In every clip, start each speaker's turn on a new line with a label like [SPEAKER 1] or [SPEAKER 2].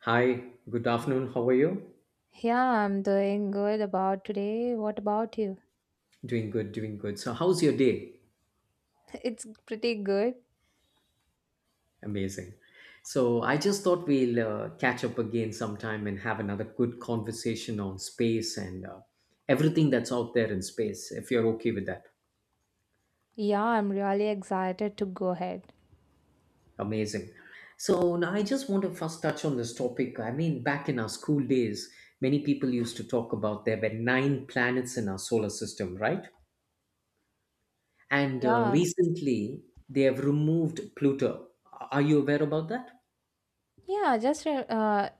[SPEAKER 1] Hi, good afternoon. How are you?
[SPEAKER 2] Yeah, I'm doing good about today. What about you?
[SPEAKER 1] Doing good, doing good. So, how's your day?
[SPEAKER 2] It's pretty good.
[SPEAKER 1] Amazing. So, I just thought we'll catch up again sometime and have another good conversation on space and everything that's out there in space, if you're okay with that.
[SPEAKER 2] Yeah, I'm really excited to go ahead.
[SPEAKER 1] Amazing. So, now I just want to first touch on this topic. I mean, back in our school days, many people used to talk about there were nine planets in our solar system, right? And
[SPEAKER 2] Yeah,
[SPEAKER 1] recently, they have removed Pluto. Are you aware about that?
[SPEAKER 2] yeah, just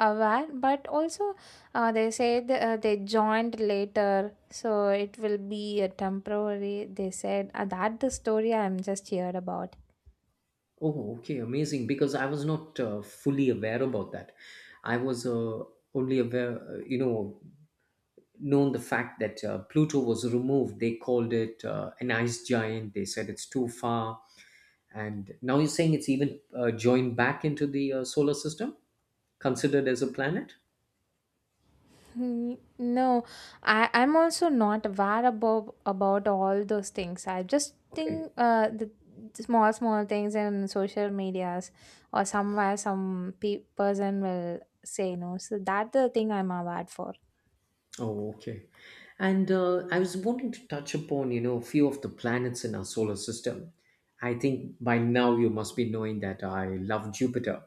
[SPEAKER 2] aware, but also they said they joined later, so it will be a temporary. They said that the story I'm just heard about.
[SPEAKER 1] Oh, okay, amazing. Because I was not fully aware about that. I was only aware, known the fact that Pluto was removed. They called it an ice giant. They said it's too far. And now you're saying it's even joined back into the solar system, considered as a planet?
[SPEAKER 2] Mm, no, I'm also not aware about all those things. I just
[SPEAKER 1] Okay.
[SPEAKER 2] think the small things in social medias, or somewhere some pe person will say no. So that the thing I'm aware for.
[SPEAKER 1] Oh, okay. And I was wanting to touch upon, a few of the planets in our solar system. I think by now you must be knowing that I love Jupiter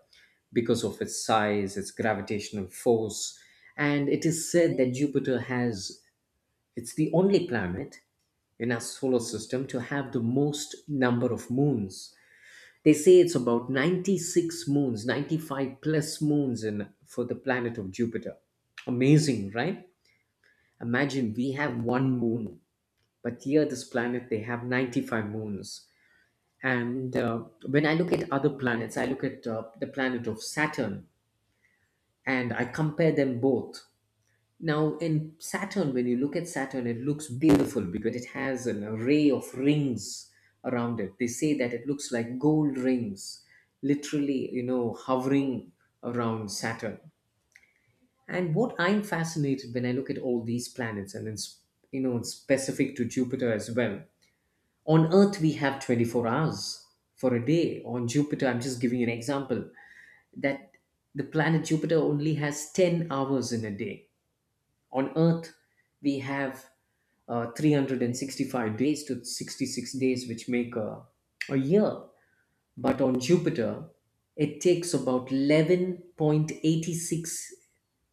[SPEAKER 1] because of its size, its gravitational force, and it is said that Jupiter has, it's the only planet in our solar system to have the most number of moons. They say it's about 96 moons, 95 plus moons in for the planet of Jupiter. Amazing, right? Imagine we have one moon, but here this planet they have 95 moons. And when I look at other planets, I look at the planet of Saturn and I compare them both. Now, in Saturn, when you look at Saturn, it looks beautiful because it has an array of rings around it. They say that it looks like gold rings, literally, hovering around Saturn. And what I'm fascinated when I look at all these planets, and it's you know it's specific to Jupiter as well. On Earth, we have 24 hours for a day. On Jupiter, I'm just giving you an example that the planet Jupiter only has 10 hours in a day. On Earth, we have 365 days to 66 days, which make a year. But on Jupiter, it takes about 11.86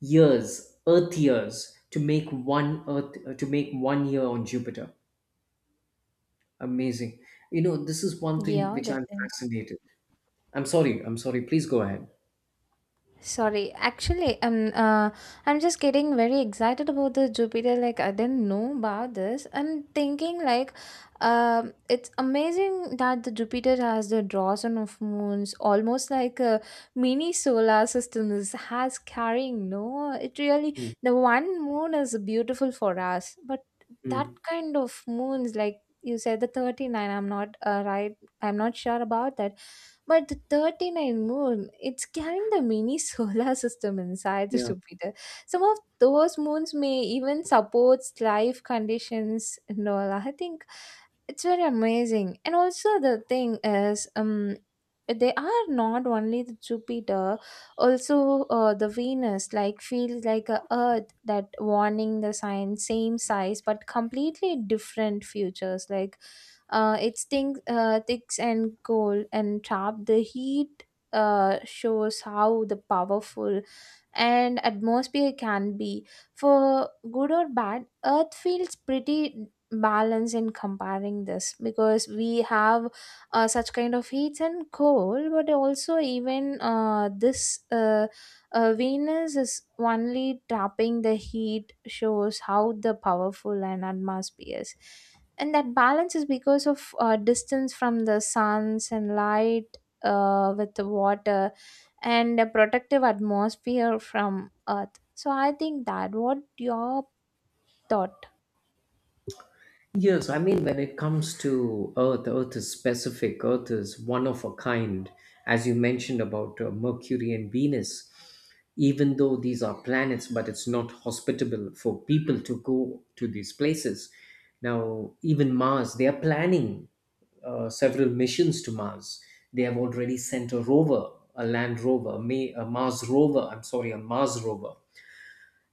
[SPEAKER 1] years, Earth years, to make one Earth to make one year on Jupiter. Amazing. You know, this is one thing
[SPEAKER 2] Yeah,
[SPEAKER 1] which
[SPEAKER 2] that
[SPEAKER 1] I'm fascinated. I'm sorry. I'm sorry. Please go ahead.
[SPEAKER 2] sorry, actually, I'm just getting very excited about the Jupiter. Like, I didn't know about this. I'm thinking, like, it's amazing that the Jupiter has the dozen of moons, almost like a mini solar system is has carrying. No, it really
[SPEAKER 1] Mm,
[SPEAKER 2] the one moon is beautiful for us, but that
[SPEAKER 1] mm,
[SPEAKER 2] kind of moons, like you said, the 39. I'm not right. I'm not sure about that, but the 39 moon, it's carrying the mini solar system inside the
[SPEAKER 1] yeah.
[SPEAKER 2] Jupiter. Some of those moons may even support life conditions and all. I think it's very amazing, and also the thing is, they are not only the Jupiter, also the Venus, like feels like a Earth, that warning the sign same size but completely different futures, like it's thin, thicks and cold and trap the heat. Uh, shows how the powerful and atmosphere can be, for good or bad. Earth feels pretty balance in comparing this, because we have such kind of heat and cold, but also even this Venus is only trapping the heat, shows how the powerful and atmosphere is, and that balance is because of distance from the suns and light, with the water and a protective atmosphere from Earth. So I think that what your thought.
[SPEAKER 1] Yes, I mean, when it comes to Earth, Earth is specific. Earth is one of a kind, as you mentioned about Mercury and Venus. Even though these are planets, but it's not hospitable for people to go to these places. Now, even Mars, they are planning several missions to Mars. They have already sent a rover, a land rover, a a Mars rover. I'm sorry, a Mars rover.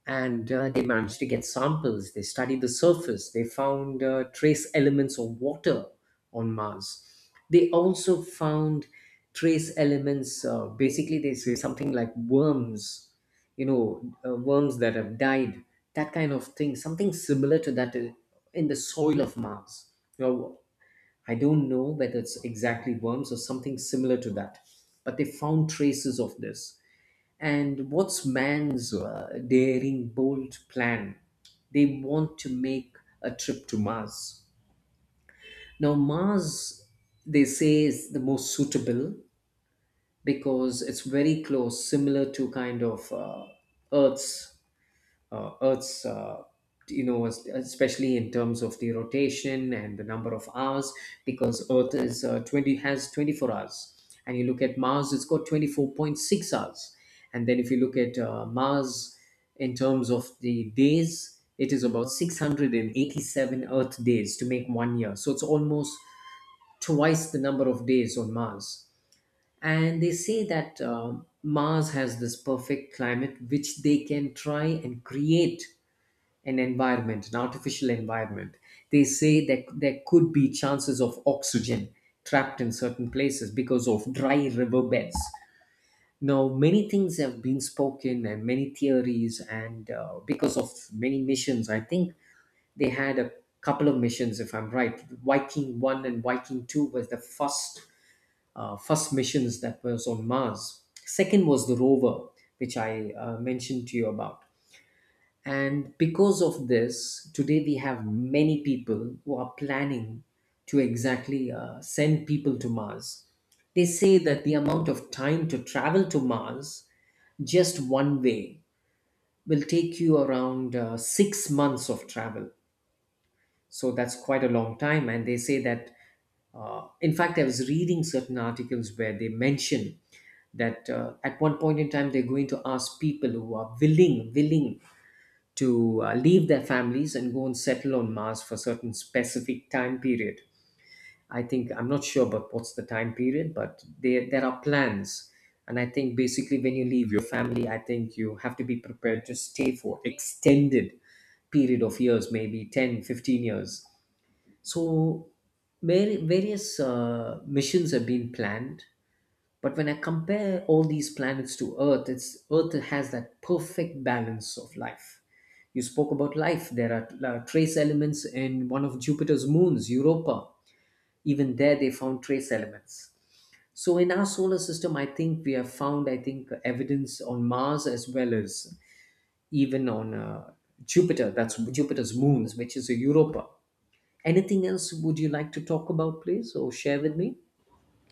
[SPEAKER 1] And they managed to get samples. They studied the surface. They found trace elements of water on Mars. They also found trace elements. Basically, they say something like worms, worms that have died, that kind of thing. Something similar to that in the soil of Mars. You know, I don't know whether it's exactly worms or something similar to that, but they found traces of this. And what's man's daring, bold plan? They want to make a trip to Mars. Now, Mars, they say, is the most suitable because it's very close, similar to kind of Earth's uh, Earth's, uh, especially in terms of the rotation and the number of hours, because Earth is twenty, has 24 hours, and you look at Mars, it's got twenty 4.6 hours, and then if you look at Mars in terms of the days, it is about 687 Earth days to make one year, so it's almost twice the number of days on Mars. And they say that Mars has this perfect climate, which they can try and create an environment, an artificial environment. They say that there could be chances of oxygen trapped in certain places because of dry riverbeds. Now, many things have been spoken and many theories, and because of many missions, I think they had a couple of missions, if I'm right. Viking 1 and Viking 2 was the first missions that was on Mars. Second was the rover, which I mentioned to you about, and because of this, today we have many people who are planning to exactly send people to Mars. They say that the amount of time to travel to Mars just one way will take you around 6 months of travel. So that's quite a long time. And they say that, in fact, I was reading certain articles where they mention that at one point in time they're going to ask people who are willing to leave their families and go and settle on Mars for a certain specific time period. I think I'm not sure about what's the time period, but there are plans. And I think basically when you leave your family, I think you have to be prepared to stay for extended period of years, maybe 10, 15 years. So various missions have been planned, but when I compare all these planets to Earth, it's Earth has that perfect balance of life. You spoke about life. There are trace elements in one of Jupiter's moons, Europa. Even there, they found trace elements. So in our solar system, I think we have found, I think, evidence on Mars as well as even on Jupiter. That's Jupiter's moons, which is a Europa. Anything else would you like to talk about, please, or share with me?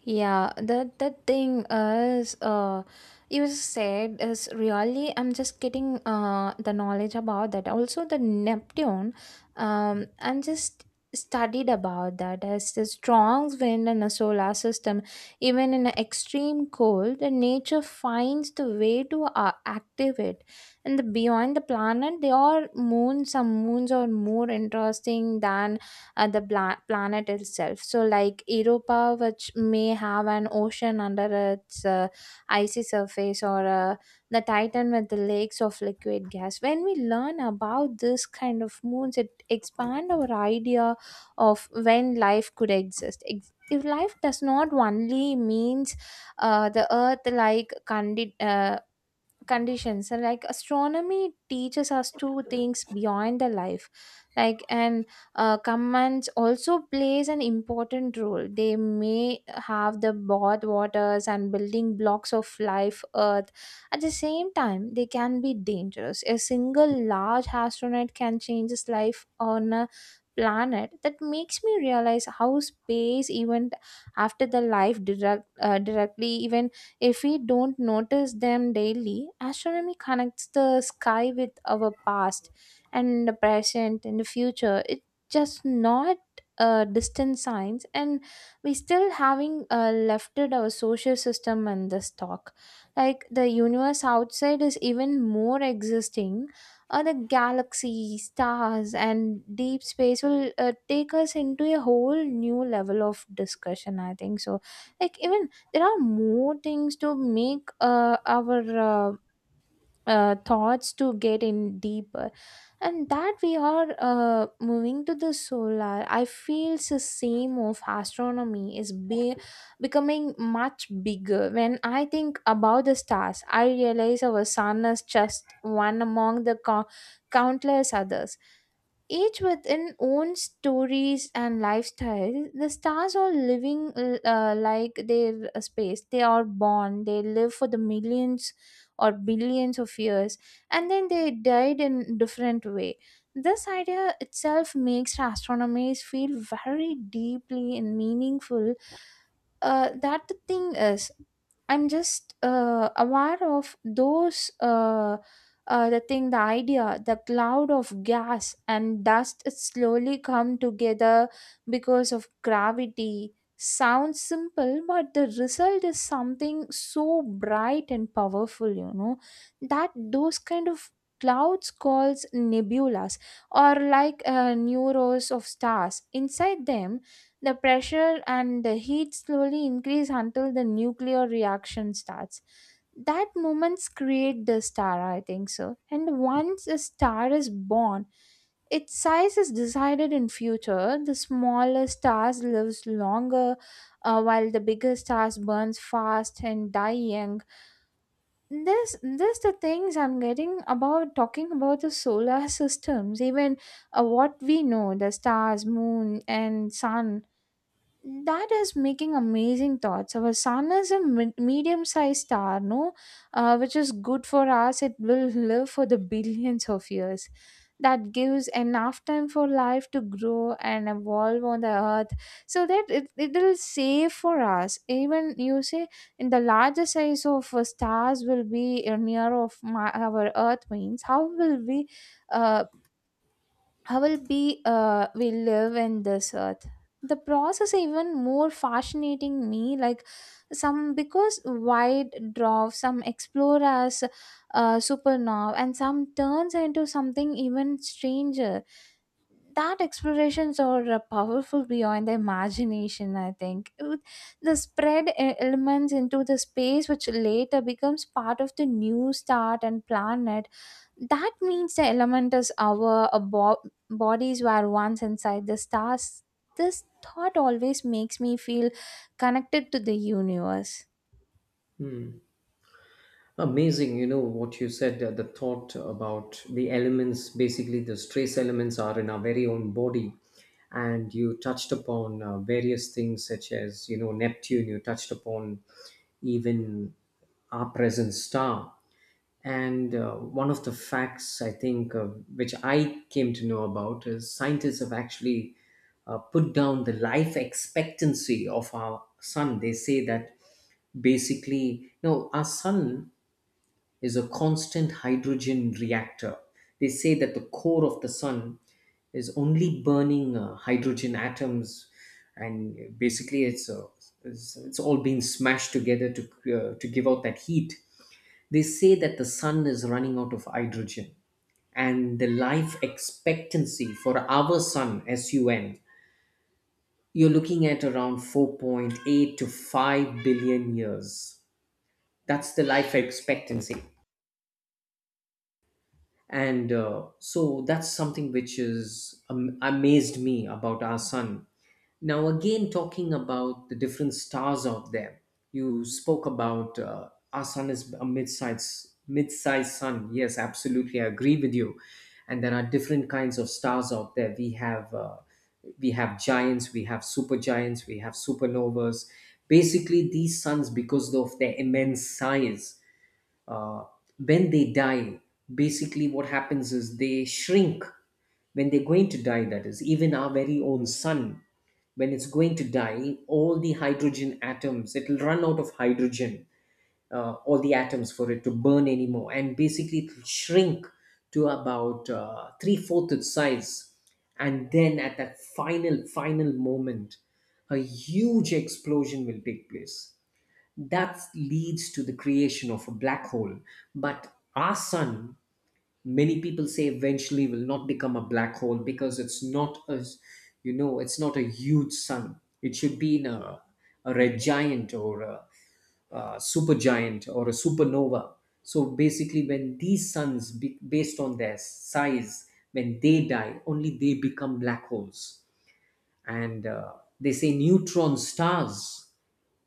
[SPEAKER 2] Yeah, the thing is, you said is really. I'm just getting the knowledge about that. Also, the Neptune, I'm just studied about that as the strong wind in a solar system. Even in an extreme cold, the nature finds the way to activate. And the beyond the planet, they are moon. Some moons are more interesting than the planet itself. So, like Europa, which may have an ocean under its icy surface, or the Titan with the lakes of liquid gas. When we learn about this kind of moons, it expand our idea of when life could exist. If life does not only means the Earth-like conditions, and like astronomy teaches us two things beyond the life like, and commands also plays an important role. They may have the both waters and building blocks of life earth. At the same time they can be dangerous. A single large astronaut can change his life on a planet. That makes me realize how space, even after the life directly, even if we don't notice them daily, astronomy connects the sky with our past and the present and the future. It's just not distant science, and we still having lefted our social system and the stock. Like the universe outside is even more existing. The galaxy, stars, and deep space will take us into a whole new level of discussion, I think so. Like, even there are more things to make our thoughts to get in deeper, and that we are moving to the solar. I feel it's the same of astronomy is becoming much bigger. When I think about the stars, I realize our sun is just one among the countless others, each with an own stories and lifestyle. The stars are living like their space. They are born, they live for the millions or billions of years, and then they died in different way. This idea itself makes astronomy feel very deeply and meaningful. That the thing is, I'm just aware of those, the thing, the idea, the cloud of gas and dust slowly come together because of gravity. Sounds simple, but the result is something so bright and powerful, you know, that those kind of clouds calls nebulas, or like neuros of stars inside them. The pressure and the heat slowly increase until the nuclear reaction starts. That moments create the star, I think so. And once a star is born, its size is decided in future. The smaller stars lives longer, while the bigger stars burns fast and die young. This the things I'm getting about talking about the solar systems. Even what we know, the stars moon and sun, that is making amazing thoughts. Our sun is a medium-sized star, no, which is good for us. It will live for the billions of years. That gives enough time for life to grow and evolve on the earth. So that it will save for us, even you say, in the larger size of stars will be near of our earth means, how will we uh, how will be we live in this earth. The process even more fascinating me, like some because wide dwarfs, some explore as supernova, and some turns into something even stranger. That explorations are powerful beyond the imagination, I think. With the spread elements into the space, which later becomes part of the new start and planet. That means the element is our bodies were once inside the stars. This thought always makes me feel connected to the universe.
[SPEAKER 1] Hmm. Amazing, what you said, the thought about the elements, basically the stress elements are in our very own body. And you touched upon various things such as, Neptune. You touched upon even our present star. And one of the facts I think, which I came to know about, is scientists have actually put down the life expectancy of our sun. They say that basically, our sun is a constant hydrogen reactor. They say that the core of the sun is only burning hydrogen atoms, and basically it's all being smashed together to to give out that heat. They say that the sun is running out of hydrogen, and the life expectancy for our sun, SUN, you're looking at around 4.8 to 5 billion years. That's the life expectancy. And so that's something which is amazed me about our sun. Now, again, talking about the different stars out there, you spoke about our sun is a mid-sized sun. Yes, absolutely, I agree with you. And there are different kinds of stars out there. We have giants, we have supergiants, we have supernovas. Basically, these suns because of their immense size, uh, when they die, basically what happens is they shrink. When they're going to die, that is even our very own sun, when it's going to die, all the hydrogen atoms, it'll run out of hydrogen, all the atoms for it to burn anymore, and basically it'll shrink to about three-fourths its size. And then at that final moment, a huge explosion will take place that leads to the creation of a black hole. But our sun, many people say, eventually will not become a black hole because it's not a huge sun. It should be in a red giant or a supergiant or a supernova. So basically, when these suns, based on their size, when they die, only they become black holes. And they say neutron stars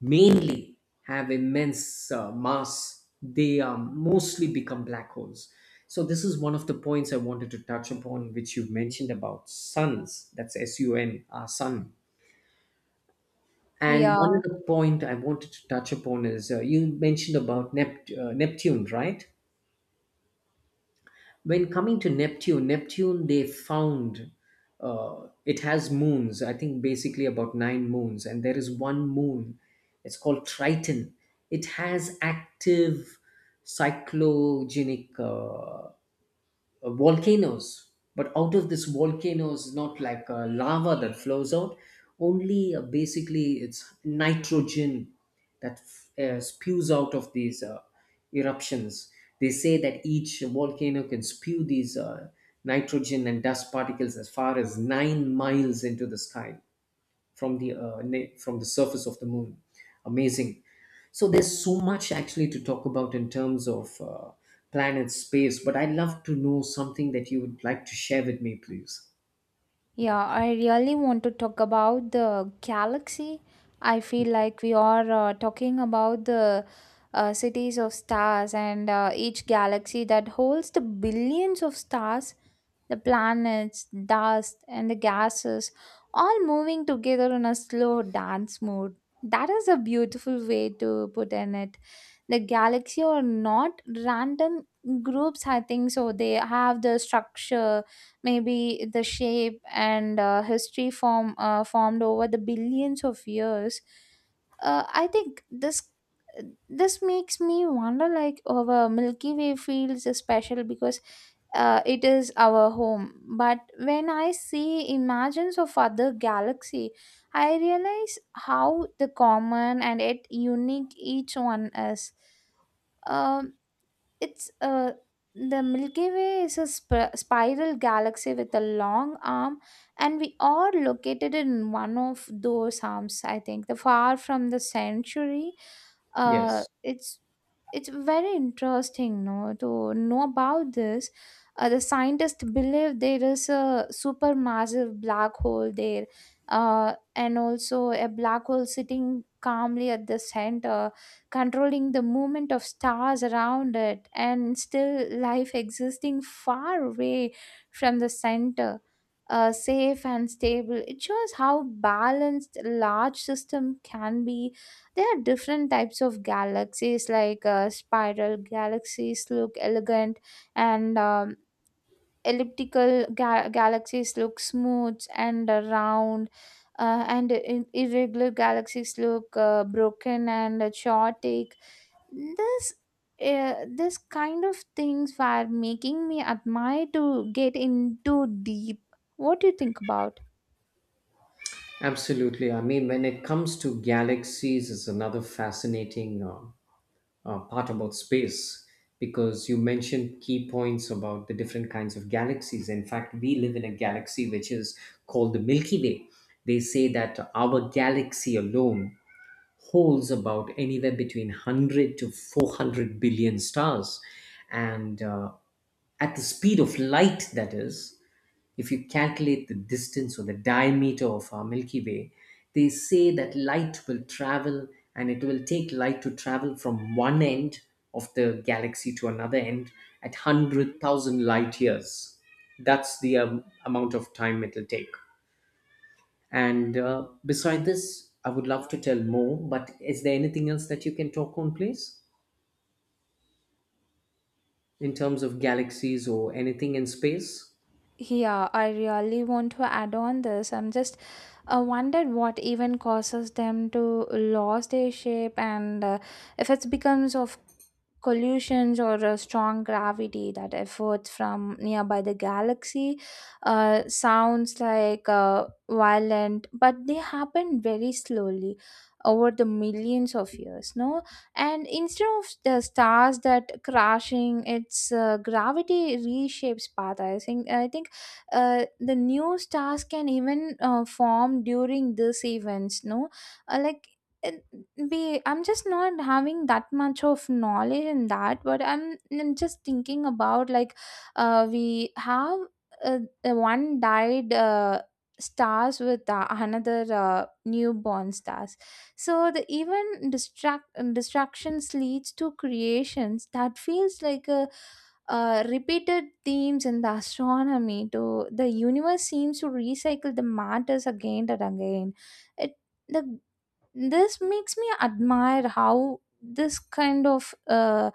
[SPEAKER 1] mainly have immense mass. They mostly become black holes. So this is one of the points I wanted to touch upon, which you mentioned about suns. That's sun, our sun. And one
[SPEAKER 2] Yeah.
[SPEAKER 1] other point I wanted to touch upon is you mentioned about Neptune, right? When coming to Neptune, they found it has moons. I think basically about nine moons, and there is one moon. It's called Triton. It has active cyclogenic, volcanoes. But out of this volcanoes, not like lava that flows out, only basically it's nitrogen that spews out of these eruptions. They say that each volcano can spew these nitrogen and dust particles as far as 9 miles into the sky from the from the surface of the moon. Amazing. So there's so much actually to talk about in terms of planet space, but I'd love to know something that you would like to share with me, please.
[SPEAKER 2] Yeah, I really want to talk about the galaxy. I feel like we are talking about the cities of stars, and each galaxy that holds the billions of stars, the planets, dust, and the gases all moving together in a slow dance mode. That is a beautiful way to put in it. The galaxy are not random groups, I think so. They have the structure, maybe the shape and history formed over the billions of years. I think this, this makes me wonder, like our Milky Way feels special because it is our home. But when I see images of other galaxy, I realize how the common and yet unique each one is. Um, it's The Milky Way is a spiral galaxy with a long arm, and we are located in one of those arms. I think the far from the century. Uh,
[SPEAKER 1] Yes,
[SPEAKER 2] it's it's very interesting, no, to know about this. The scientists believe there is a supermassive black hole there, and also a black hole sitting calmly at the center, controlling the movement of stars around it, and still life existing far away from the center, safe and stable. It shows how balanced a large system can be. There are different types of galaxies, like spiral galaxies look elegant, and elliptical galaxies look smooth and round, and irregular galaxies look broken and chaotic. This uh, this kind of things were making me admire to get into deep. What do you think about?
[SPEAKER 1] absolutely. I mean, when it comes to galaxies, is another fascinating part about space. Because you mentioned key points about the different kinds of galaxies. In fact, we live in a galaxy which is called the Milky Way. They say that our galaxy alone holds about anywhere between 100 to 400 billion stars. And At the speed of light, that is, if you calculate the distance or the diameter of our Milky Way, they say that light will travel and it will take light to travel from one end of the galaxy to another end at 100,000 light years. That's the amount of time it'll take. And Beside this, I would love to tell more, but is there anything else that you can talk on, please, in terms of galaxies or anything in space?
[SPEAKER 2] Yeah, I really want to add on this. I'm just wondered what even causes them to lose their shape, and if it becomes of collisions or a strong gravity that efforts from nearby the galaxy. Sounds like violent, but they happen very slowly over the millions of years, no. And instead of the stars that crashing, its gravity reshapes path, I think the new stars can even form during these events, no. Like it be, i'm, just not having that much of knowledge in that, but I'm just thinking about, like, we have uh, one died stars with another newborn stars. So the even distractions leads to creations. That feels like a repeated themes in the astronomy. To the universe seems to recycle the matters again and again. It the This makes me admire how this kind of uh,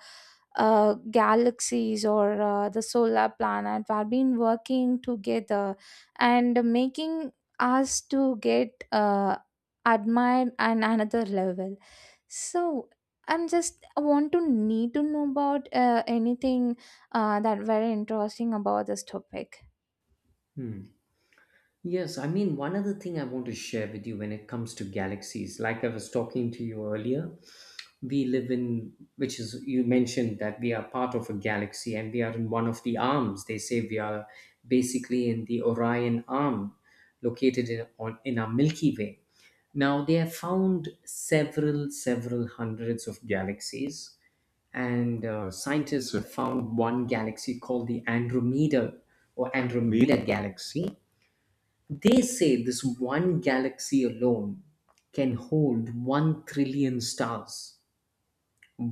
[SPEAKER 2] uh, galaxies or the solar planet have been working together, and making us to get admired on another level. So, I want to need to know about anything that very interesting about this topic.
[SPEAKER 1] Hmm. Yes, I mean, one other thing I want to share with you, when it comes to galaxies, like I was talking to you earlier, we live in, which is, you mentioned that we are part of a galaxy and we are in one of the arms. They say we are basically in the Orion arm located in our Milky Way. Now, they have found several, several hundreds of galaxies, and scientists have found one galaxy called the Andromeda, or Andromeda galaxy. They say this one galaxy alone can hold 1 trillion stars.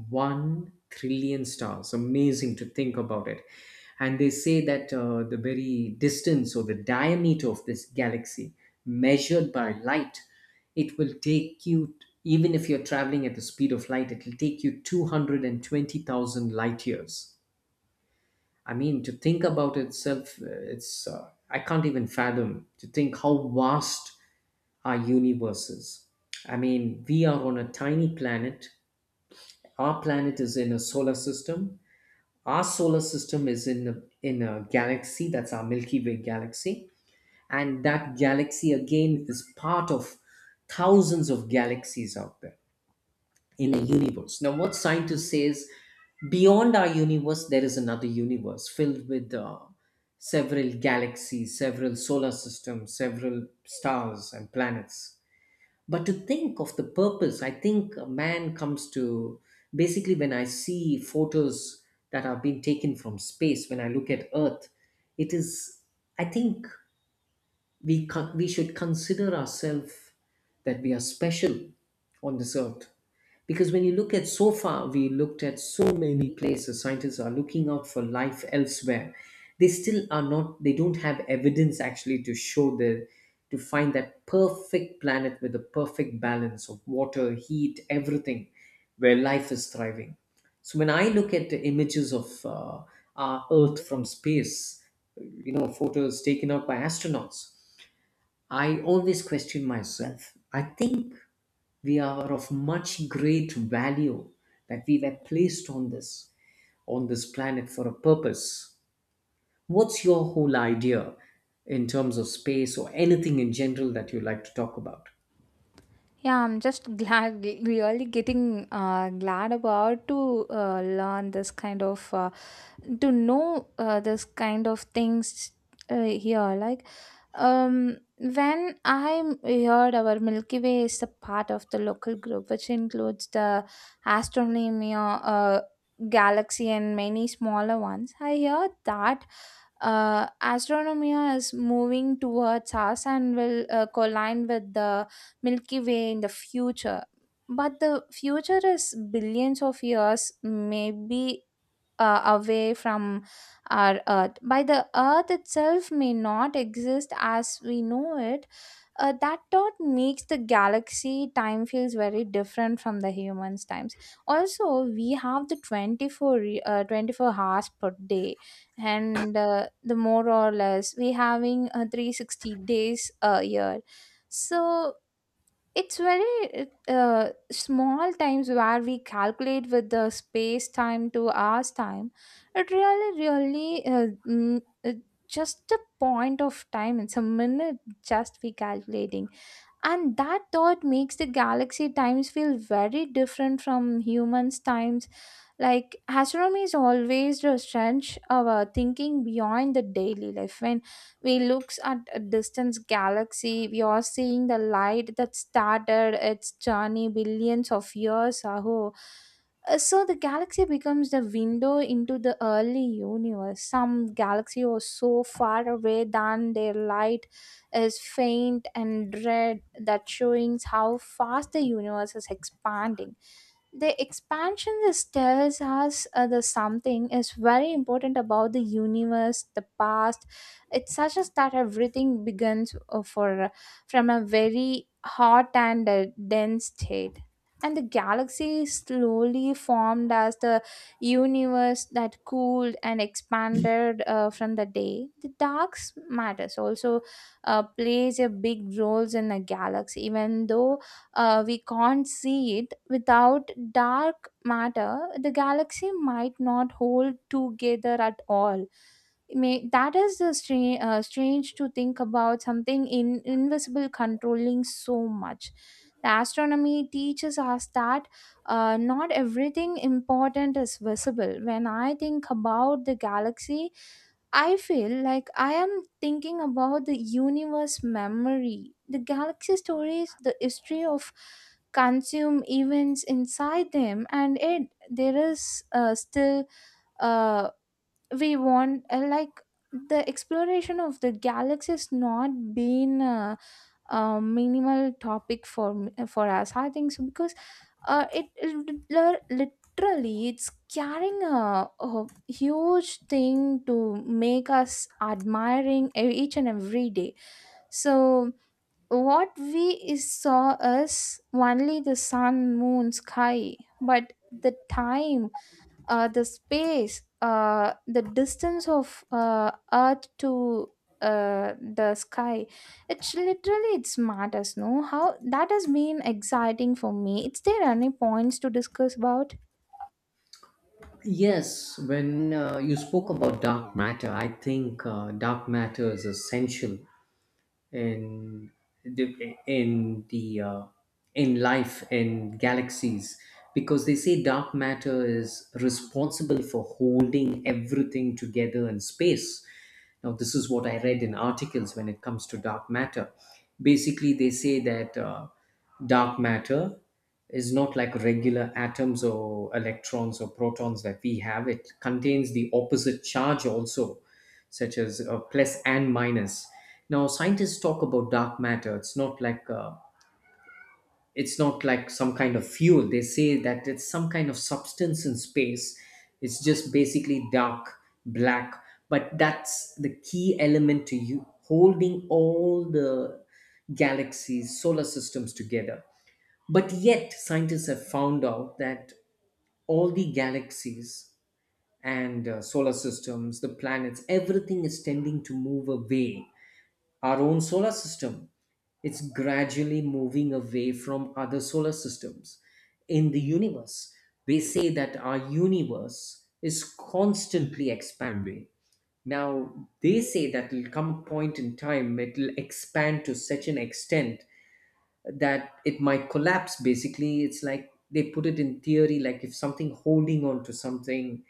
[SPEAKER 1] 1 trillion stars. Amazing to think about it. And they say that the very distance or the diameter of this galaxy, measured by light, it will take you, even if you're traveling at the speed of light, it will take you 220,000 light years. I mean, to think about itself, it's I can't even fathom to think how vast our universe is. I mean, we are on a tiny planet. Our planet is in a solar system. Our solar system is in a galaxy. That's our Milky Way galaxy, and that galaxy again is part of thousands of galaxies out there in a universe. Now, what scientists say is beyond our universe, there is another universe filled with several galaxies, several solar systems, several stars and planets. But to think of the purpose, I think a man comes to, basically, when I see photos that are being taken from space, when I look at Earth, it is, I think, we should consider ourselves that we are special on this earth. Because when you look at, so far we looked at so many places, scientists are looking out for life elsewhere. They still are not, they don't have evidence actually to show the, to find that perfect planet with the perfect balance of water, heat, everything, where life is thriving. So when I look at the images of our earth from space, you know, photos taken out by astronauts, I always question myself. I think we are of much great value, that we were placed on this, on this planet for a purpose. What's your whole idea in terms of space or anything in general that you like to talk about?
[SPEAKER 2] Yeah, I'm just glad, really getting glad about to learn this kind of, to know this kind of things here. Like, when I heard our Milky Way is a part of the local group, which includes the astronomy, galaxy, and many smaller ones. I heard that astronomia is moving towards us and will collide with the Milky Way in the future. But the future is billions of years, maybe away from our earth by the earth itself may not exist as we know it. That thought makes the galaxy time feels very different from the humans times. Also we have the 24 hours per day, and the more or less we having 360 days a year. So it's very small times where we calculate with the space time to hours time. It really, really, just a point of time. It's a minute just we calculating. And that thought makes the galaxy times feel very different from humans' times. Like astronomy is always to stretch our thinking beyond the daily life. When we looks at a distant galaxy, we are seeing the light that started its journey billions of years ago. So the galaxy becomes the window into the early universe. Some galaxy are so far away that their light is faint and red, that showing how fast the universe is expanding. The expansion just tells us the something is very important about the universe the past. It suggests that everything begins for from a very hot and dense state, and the galaxy slowly formed as the universe that cooled and expanded from the day. The dark matters also plays a big roles in the galaxy, even though we can't see it. Without dark matter, the galaxy might not hold together at all. May, that is the strange to think about something in invisible controlling so much. The astronomy teaches us that not everything important is visible. When I think about the galaxy, I feel like I am thinking about the universe memory, the galaxy stories, the history of consume events inside them, and it there is still uh, we want like the exploration of the galaxy is not been, minimal topic for for us I think so because it, it literally it's carrying a huge thing to make us admiring each and every day. So what we is saw us only the sun moon sky, but the time, the space, the distance of Earth to the sky. It's literally it's matters. No, how that has been exciting for me. Is there any points to discuss about?
[SPEAKER 1] Yes, when you spoke about dark matter, I think dark matter is essential in the in the in life, in galaxies, because they say dark matter is responsible for holding everything together in space. Now this is what I read in articles when it comes to dark matter. Basically they say that dark matter is not like regular atoms or electrons or protons that we have. It contains the opposite charge also, such as plus and minus. Now, scientists talk about dark matter. It's not like some kind of fuel. They say that it's some kind of substance in space. It's just basically dark, black. But that's the key element to you holding all the galaxies, solar systems together. But yet, scientists have found out that all the galaxies and solar systems, the planets, everything is tending to move away. Our own solar system, it's gradually moving away from other solar systems in the universe. They say that our universe is constantly expanding. Now they say that will come a point in time it will expand to such an extent that it might collapse. Basically it's like they put it in theory, like if something holding on to something,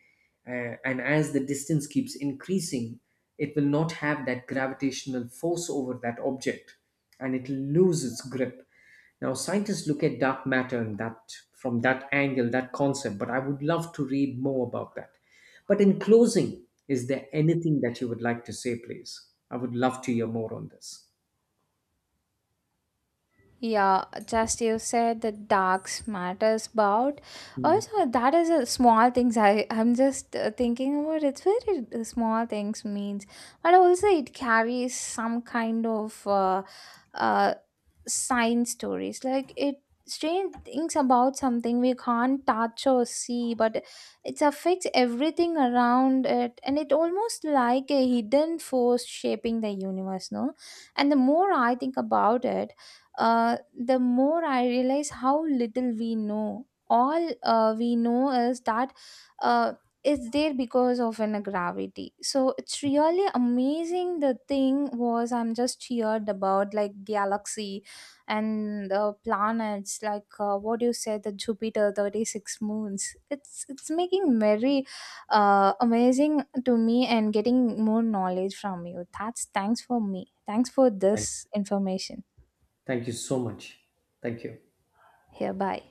[SPEAKER 1] and as the distance keeps increasing, it will not have that gravitational force over that object, and it will lose its grip. Now scientists look at dark matter and that, from that angle, that concept, but I would love to read more about that. But in closing, is there anything that you would like to say, please? I would love to hear more on this.
[SPEAKER 2] Yeah, just you said the darks matters about.
[SPEAKER 1] Hmm.
[SPEAKER 2] Also, that is a small things. I'm just thinking about it's very small things means, but also it carries some kind of. uh, Science stories like it strange things about something we can't touch or see, but it affects everything around it, and it almost like a hidden force shaping the universe no. And the more I think about it, the more I realize how little we know. All we know is that uh, it's there because of an gravity. So it's really amazing. The thing was I'm just cheered about like galaxy and the planets, like what you said, the jupiter 36 moons. It's making very amazing to me, and getting more knowledge from you, that's thanks for me, thanks for
[SPEAKER 1] Thank you.
[SPEAKER 2] this information.
[SPEAKER 1] Thank you so much. Thank you.
[SPEAKER 2] Here bye.